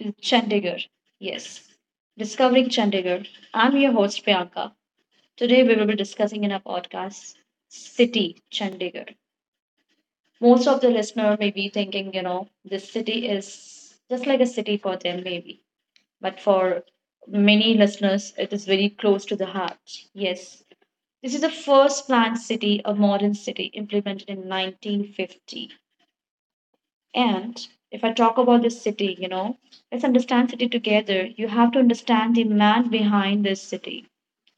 to Chandigarh. Yes, discovering Chandigarh. I'm your host Priyanka. Today we will be discussing in our podcast city Chandigarh. Most of the listener may be thinking, this city is just like a city for them maybe, but for many listeners it is very close to the heart. Yes. This is the first planned city, a modern city implemented in 1950. And if I talk about this city, let's understand city together. You have to understand the man behind this city.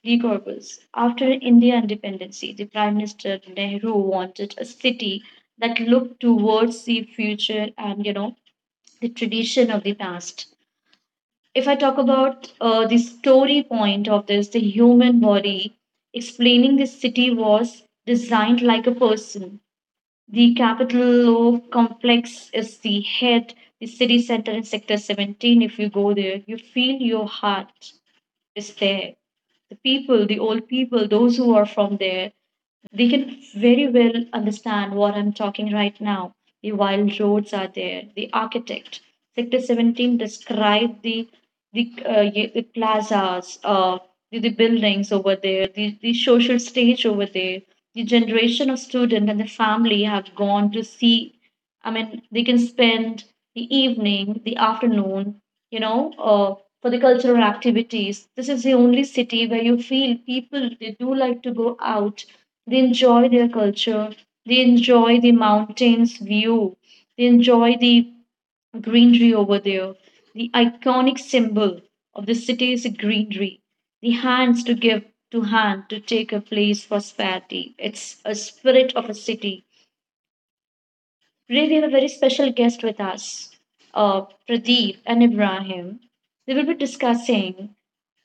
De Gorbals. After India independence, the Prime Minister Nehru wanted a city that looked towards the future and you know the tradition of the past. If I talk about the story point of this, the human body, explaining this city was designed like a person, the capital of complex is the head, the city center in Sector 17. If you go there, you feel your heart is there. The people, the old people, those who are from there, they can very well understand what I'm talking right now. The wild roads are there. The architect, Sector 17 described the plazas, the buildings over there, the social stage over there, the generation of student and the family have gone to see, I mean they can spend the evening, the afternoon, you know uh, for the cultural activities. This is the only city where you feel people, they do like to go out, they enjoy their culture, they enjoy the mountains view, they enjoy the greenery over there. The iconic symbol of the city is greenery. The hands to give to hand to take a place for sparity. It's a spirit of a city. Today we have a very special guest with us, uh, Pradeep and Ibrahim. They will be discussing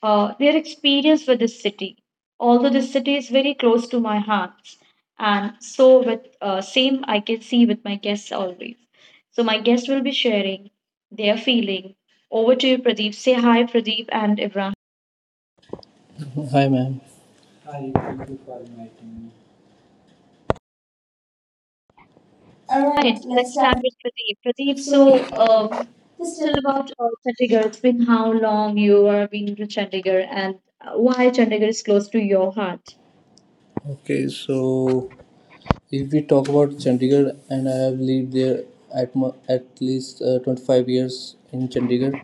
their experience with this city. Although this city is very close to my heart, and so with same I can see with my guests always. So my guests will be sharing their feeling. Over to you, Pradeep. Say hi, Pradeep and Ibrahim. Hi, ma'am. All right, Right, let's let's start. start with Pradeep. Pradeep, So, so um, this just still tell about Chandigarh. It's been how long you are being to Chandigarh and why Chandigarh is close to your heart. Okay, so if we talk about Chandigarh, and I have lived there at at least 25 years in Chandigarh.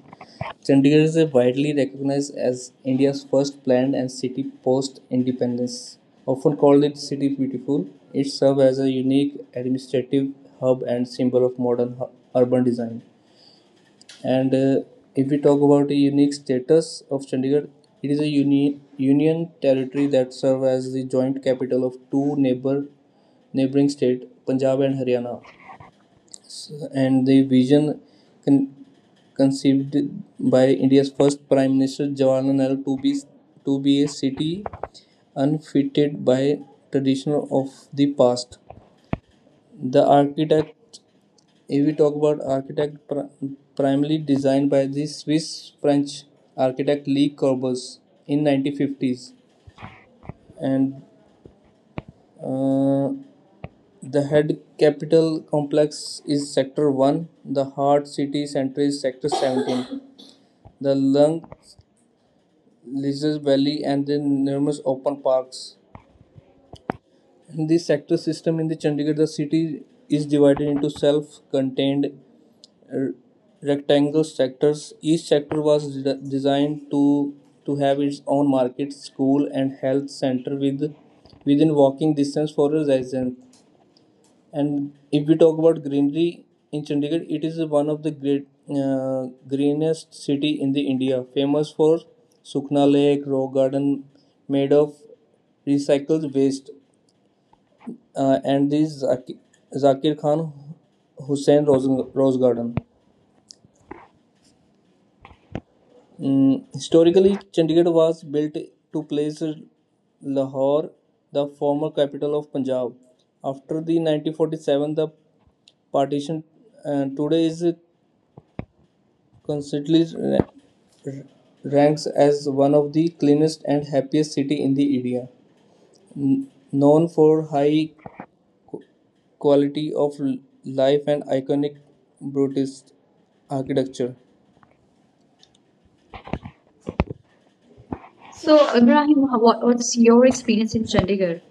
Chandigarh is a widely recognized as India's first planned and city post independence. Often called it City Beautiful, it serves as a unique administrative hub and symbol of modern urban design. And if we talk about the unique status of Chandigarh, it is a union territory that serves as the joint capital of two neighboring states, Punjab and Haryana. And the vision con- conceived by India's first Prime Minister Jawaharlal Nehru to be a city unfitted by tradition of the past. The architect if we talk about architect, primarily designed by the Swiss French architect Le Corbusier in 1950s, and uh, the head capital complex is Sector One. The heart city center is Sector 17. The lung, leisure valley, and the numerous open parks. In the sector system in the Chandigarh, the city is divided into self-contained r- rectangle sectors. Each sector was designed to have its own market, school, and health center with within walking distance for a resident. And if we talk about greenery in Chandigarh, it is one of the great greenest city in the India, famous for Sukna Lake, rock garden made of recycled waste, and this Zakir Khan Hussain Rose, Rose Garden. Historically, Chandigarh was built to place Lahore, the former capital of Punjab. After the 1947, the partition today is constantly r- ranks as one of the cleanest and happiest city in the India, known for high quality of life and iconic Buddhist architecture. So, So, Ibrahim, Ibrahim, how- what, what's what's your your experience experience in in Chandigarh? Chandigarh?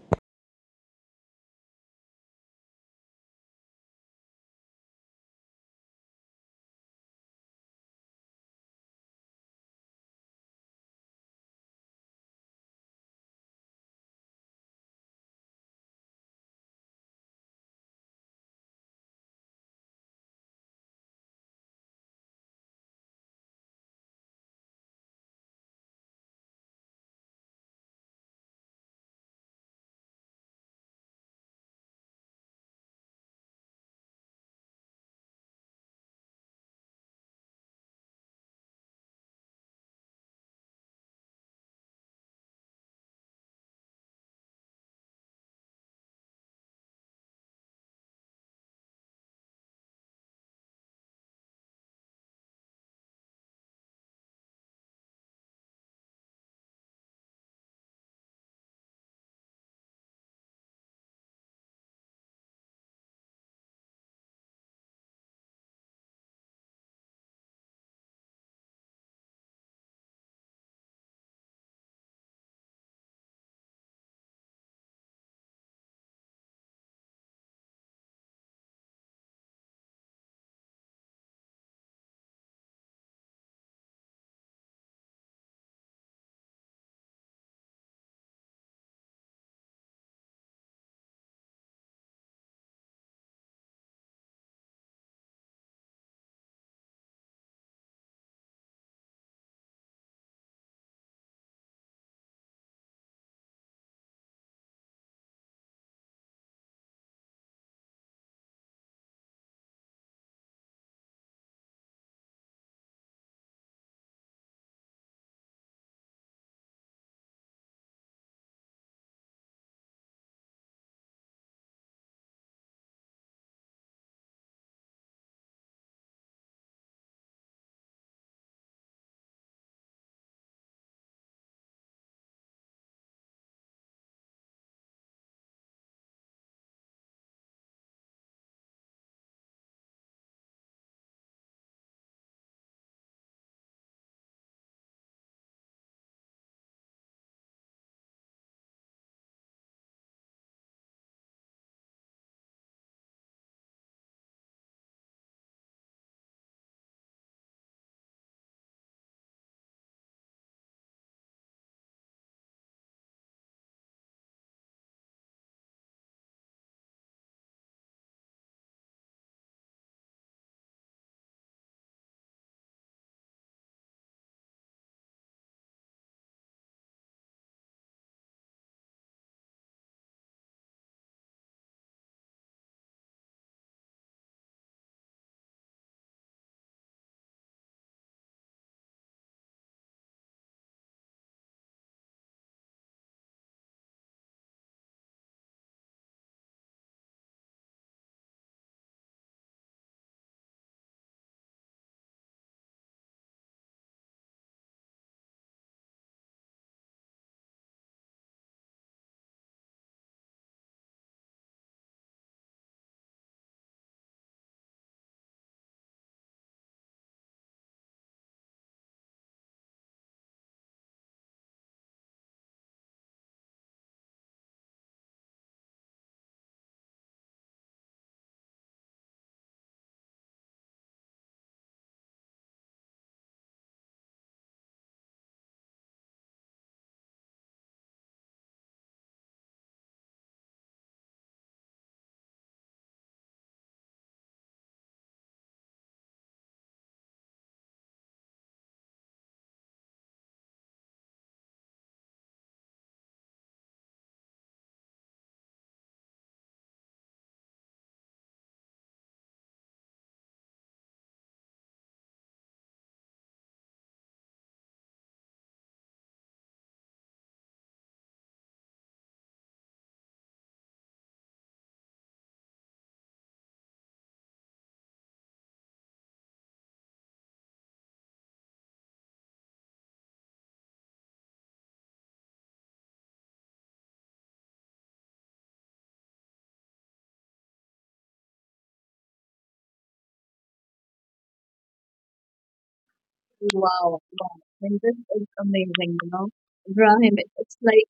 Wow, wow. And this is amazing, you know. Ibrahim, it's like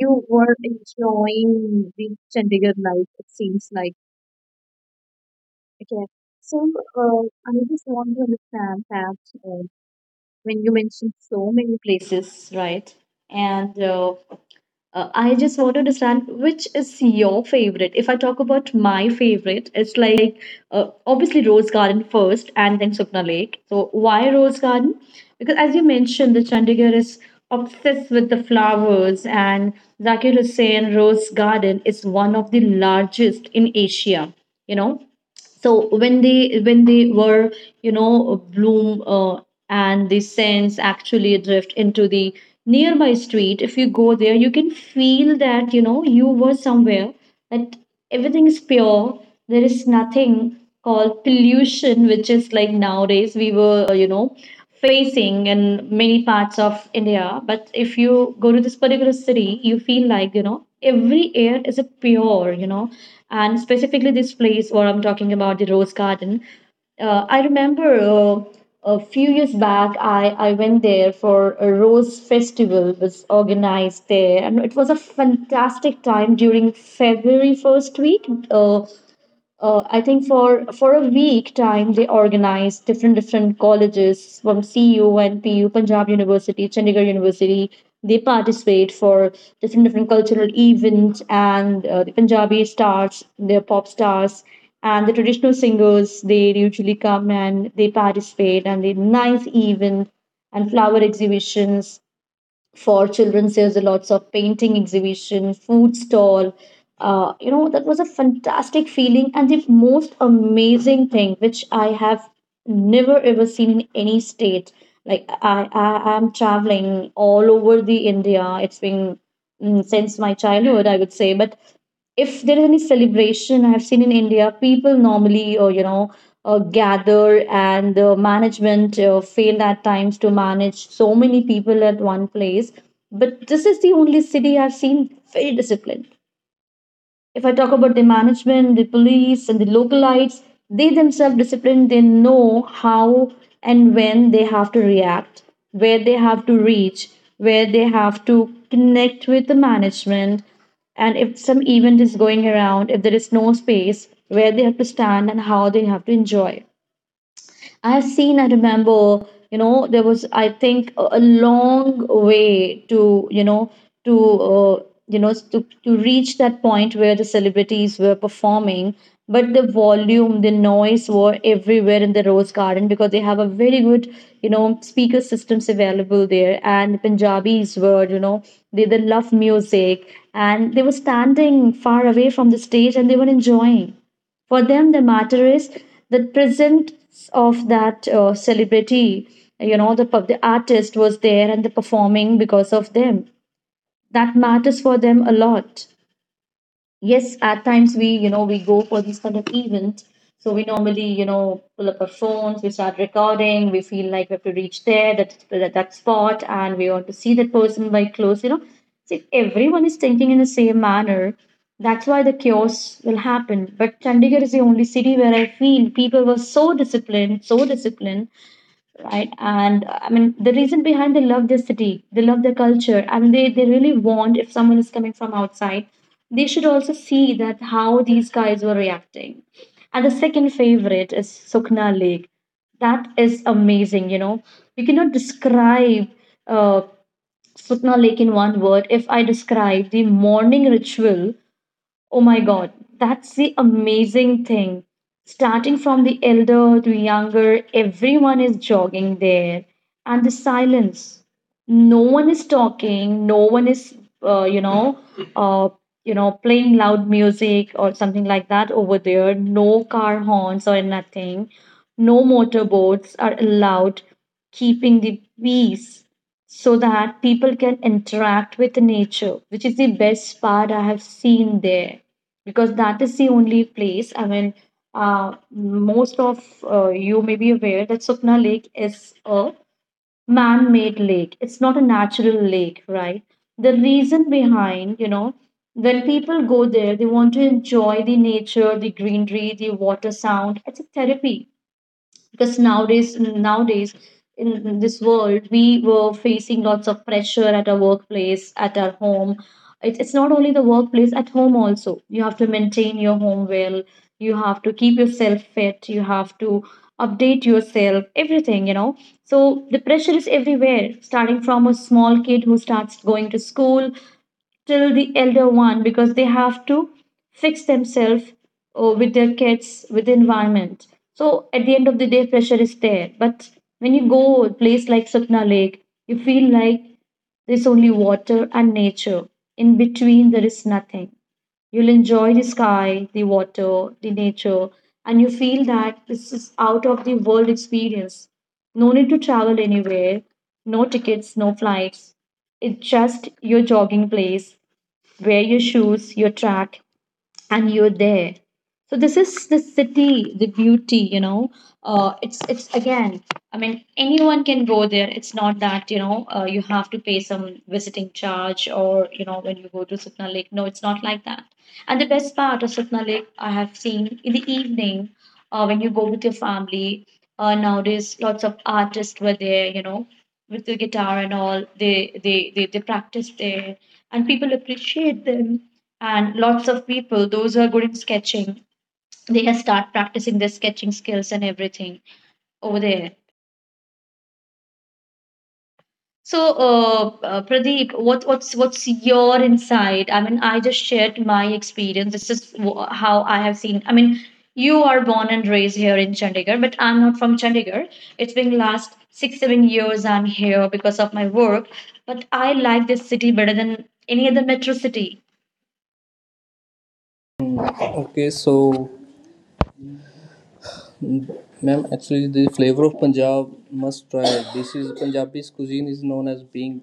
you were enjoying the Chandigarh life, it seems like. Okay. So, I just want to understand that when you mentioned so many places, right? And I just want to understand which is your favorite. If I talk about my favorite, it's like obviously Rose Garden first and then Supna Lake. So why Rose Garden? Because as you mentioned, the Chandigarh is obsessed with the flowers and Zakir Hussain Rose Garden is one of the largest in Asia, you know, so when they were, you know, bloom, and the scents actually drift into the nearby street. If you go there, you can feel that you know you were somewhere, that everything is pure. There is nothing called pollution, which is like nowadays we were, you know, facing in many parts of India. But if you go to this particular city, you feel like, you know, every air is a pure, you know, and specifically this place where I'm talking about, the Rose Garden. I remember a few years back, I went there for a rose festival was organized there, and it was a fantastic time during February first week. Uh, I think for a week time they organize different different colleges from CU, NPU, Punjab University, Chandigarh University. They participate for different different cultural events, and the Punjabi stars, their pop stars, and the traditional singers. They usually come and they participate, and they nice event and flower exhibitions for children. There's a lots of painting exhibition, food stall, you know, that was a fantastic feeling. And the most amazing thing which I have never ever seen in any state, like I am traveling all over the India, it's been since my childhood I would say, but if there is any celebration I've seen in India, people normally, you know, gather and the management failed at times to manage so many people at one place. But this is the only city I've seen very disciplined. If I talk about the management, the police, and the localites, they themselves disciplined, they know how and when they have to react, where they have to reach, where they have to connect with the management, and if some event is going around, if there is no space, where they have to stand and how they have to enjoy. I've seen, I remember, you know, there was, I think, a long way to, to, you know, to reach that point where the celebrities were performing. But the volume, the noise were everywhere in the Rose Garden because they have a very good, you know, speaker systems available there. And the Punjabis were, you know, they love music and they were standing far away from the stage and they were enjoying. For them, the matter is the presence of that celebrity. You know, the artist was there and the performing because of them. That matters for them a lot. Yes, at times we, you know, we go for these kind of events, so we normally, you know, pull up our phones, we start recording, we feel like we have to reach there, that spot and we want to see that person by close, you know. So if everyone is thinking in the same manner, that's why the chaos will happen, but Chandigarh is the only city where I feel people were so disciplined, so disciplined, right? And I mean, the reason behind they love their city, they love their culture, and they really want if someone is coming from outside, they should also see that how these guys were reacting. And the second favorite is Sukna Lake. That is amazing, you know. You cannot describe uh, Sukna Lake in one word. If I describe the morning ritual, oh my God, that's the amazing thing. Starting from the elder to younger, everyone is jogging there. And the silence. No one is talking, no one is, uh, you know, uh, you know, playing loud music or something like that over there. No car horns or nothing. No motorboats are allowed, keeping the peace so that people can interact with nature, which is the best part I have seen there because that is the only place. I mean, most of you may be aware that Supna Lake is a man made lake, it's not a natural lake, right? The reason behind, you know, when people go there, they want to enjoy the nature, the greenery, the water sound. It's a therapy because nowadays in this world we were facing lots of pressure at our workplace, at our home. It's not only the workplace, at home also you have to maintain your home well, you have to keep yourself fit, you have to update yourself everything, you know. So the pressure is everywhere starting from a small kid who starts going to school till the elder one because they have to fix themselves or with their kids, with the environment. So at the end of the day, pressure is there. But when you go a place like Sapna Lake, you feel like there's only water and nature. In between, there is nothing. You'll enjoy the sky, the water, the nature, and you feel that this is out of the world experience. No need to travel anywhere, no tickets, no flights. It's just your jogging place, wear your shoes, your track, and you're there. So this is the city, the beauty, you know. It's again. I mean, anyone can go there. It's not that, you know, you have to pay some visiting charge or, you know, when you go to Satna Lake. No, it's not like that. And the best part of Satna Lake, I have seen in the evening, when you go with your family. Nowadays, lots of artists were there, you know, with the guitar and all. They practice there, and people appreciate them, and lots of people, those who are good in sketching, they can start practicing their sketching skills and everything over there. So, Pradeep, what's your insight? I mean, I just shared my experience. This is how I have seen. I mean, you are born and raised here in Chandigarh, but I'm not from Chandigarh. It's been last 6-7 years I'm here because of my work, but I like this city better than any other metro city. Okay, so ma'am, actually, the flavor of Punjab must try. This is Punjabi's cuisine is known as being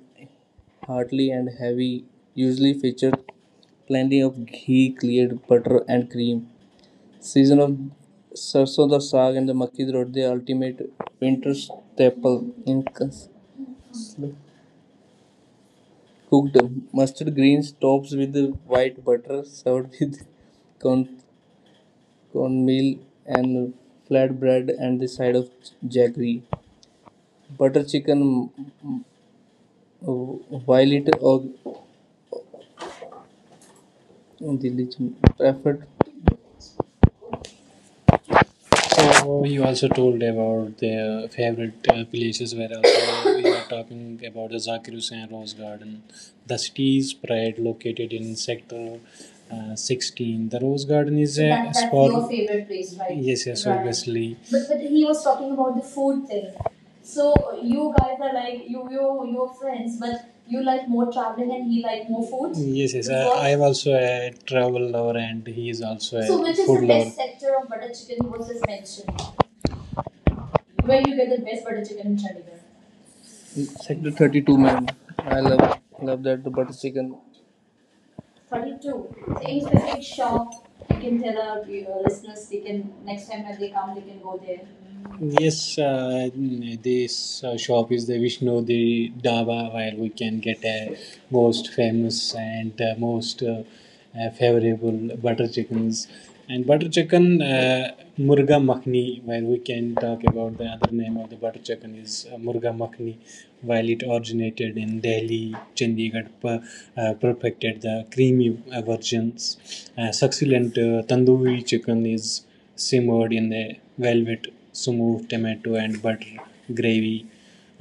hearty and heavy, usually featured plenty of ghee, cleared butter, and cream. Season of sarson da saag and the makki di roti, the ultimate winter staple. In cooked mustard greens, topped with the white butter, served with corn cornmeal and flatbread, and the side of jaggery. Butter chicken, violet, or religion preferred. So you also told about their favorite places where also we are talking about the Zakir Hussain Rose Garden, the city's pride located in sector 16. The Rose Garden is So a that, that's spot. Your favorite place, right? Yes, yes, right. Obviously. But he was talking about the food thing. So you guys are like you're friends, but you like more traveling and he like more food. Yes, yes. I am also a travel lover, and he is also a So which is food the lover. Best sector of butter chicken was just mentioned? Where you get the best butter chicken in Chandigarh? Sector 32, man. I love that the butter chicken. 32. So any specific shop you can tell our listeners they can next time when they come they can go there. Yes, this shop is the Vishnu the Dhaba where we can get a most famous and most favorable butter chickens and butter chicken murga makhni where we can talk about the other name of the butter chicken is murga makhni while it originated in delhi chandigarh per, perfected the creamy versions succulent tandoori chicken is simmered in the velvet smooth tomato and butter gravy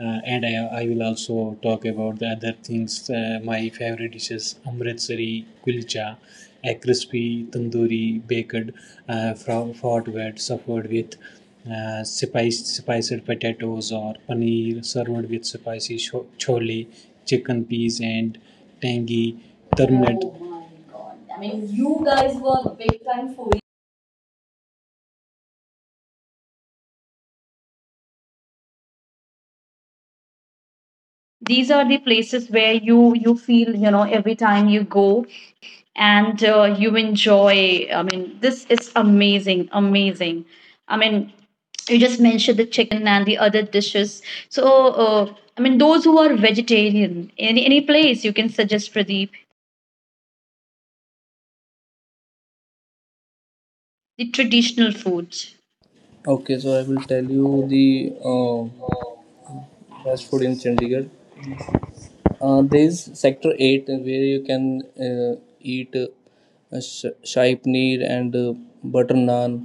and I will also talk about the other things my favorite dishes amritsari kulcha a crispy tandoori baked fought suffered with spiced potatoes or paneer served with spicy chole chicken peas and tangy turmeric. Oh my god. I mean, you guys were big time foodie. These are the places where you feel, every time you go. And you enjoy. I mean, this is amazing, amazing. I mean, you just mentioned the chicken and the other dishes. So uh, I mean, those who are vegetarian, any place you can suggest, Pradeep, the traditional foods? Okay, so I will tell you the uh, best food in Chandigarh. There is sector 8 where you can eat shahi paneer and butter naan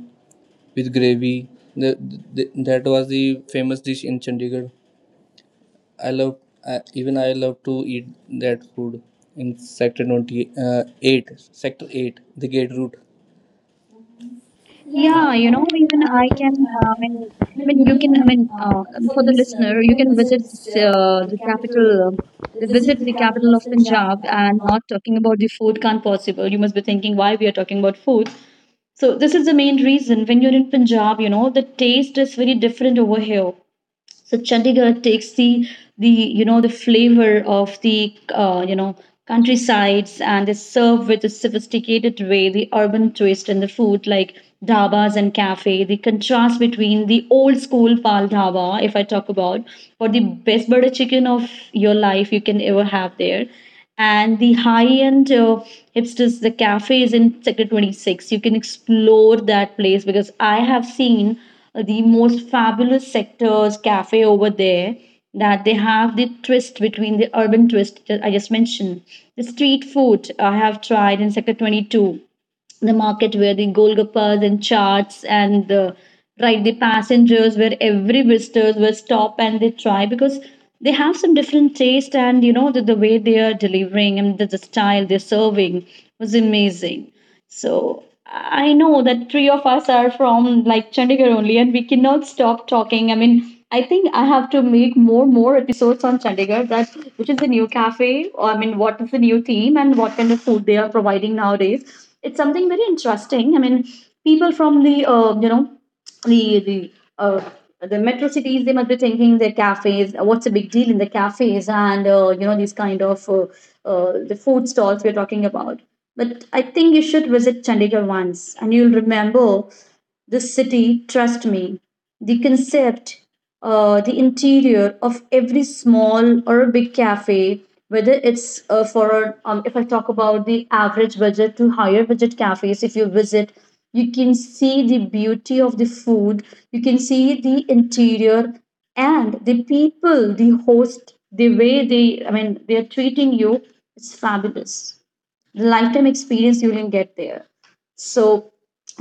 with gravy. The, that was the famous dish in Chandigarh. I love I even I love to eat that food in sector 28 8 sector 8 the gate route. Yeah, Yeah, you know, even even I I can, can, I I mean, mean, you you can, can, I I mean, mean, for for the the listener, listener, you you can can visit visit this, the capital, visit visit the the capital capital of of Punjab Punjab, and and not. not talking about the food can't possible. You must be thinking why we are talking about food. So this is the main reason. When you're in Punjab, the taste is very different over here. So Chandigarh takes the flavor of the countrysides, and they serve, with a sophisticated way, the urban twist in the food, like dabas and cafe. The contrast between the old school pal dhaba, if I talk about, or the best butter chicken of your life you can ever have there. And the high end, hipsters, the cafe is in Sector 26. You can explore that place, because I have seen the most fabulous sectors cafe over there, that they have the twist, between the urban twist that I just mentioned. The street food I have tried in Sector 22, the market where the Golgappas and charts and the right, the passengers, where every visitors will stop and they try because they have some different taste. And the way they are delivering and the style they're serving was amazing. So I know that three of us are from like Chandigarh only, and we cannot stop talking. I mean, I think I have to make more episodes on Chandigarh. That which is the new cafe, or I mean, what is the new theme, and what kind of food they are providing nowadays. It's something very interesting. I mean, people from the you know the the uh, the metro cities, they must be thinking their cafes. What's a big deal in the cafes? And these kind of the food stalls we're talking about. But I think you should visit Chandigarh once, and you'll remember the city, trust me: the concept, the interior of every small or a big cafe, whether it's if I talk about the average budget to higher budget cafes. If you visit, you can see the beauty of the food, you can see the interior and the people, the host. The way they, I mean, they're treating you, it's fabulous. The lifetime experience you will get there. So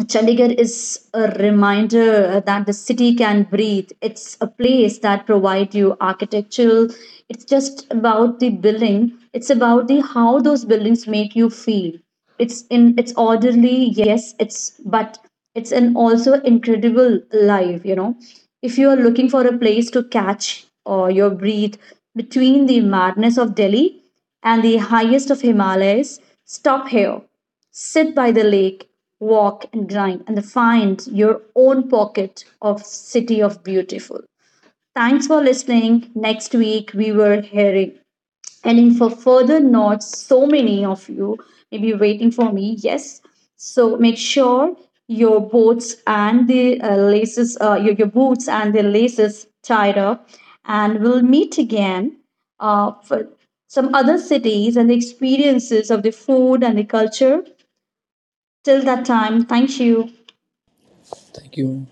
Chandigarh is a reminder that the city can breathe. It's a place that provides you architectural. It's just about the building. It's about the how those buildings make you feel. It's orderly, yes, it's but it's an also incredible life. If you are looking for a place to catch or your breath between the madness of Delhi and the highest of Himalayas, stop here, sit by the lake, walk and grind, and find your own pocket of city of beautiful. Thanks for listening. Next week we were hearing and in for further notes, so many of you may be waiting for me. Yes, so make sure your boots and the laces, your boots and the laces tied up, and we'll meet again for some other cities and the experiences of the food and the culture. Till that time, thank you. Thank you.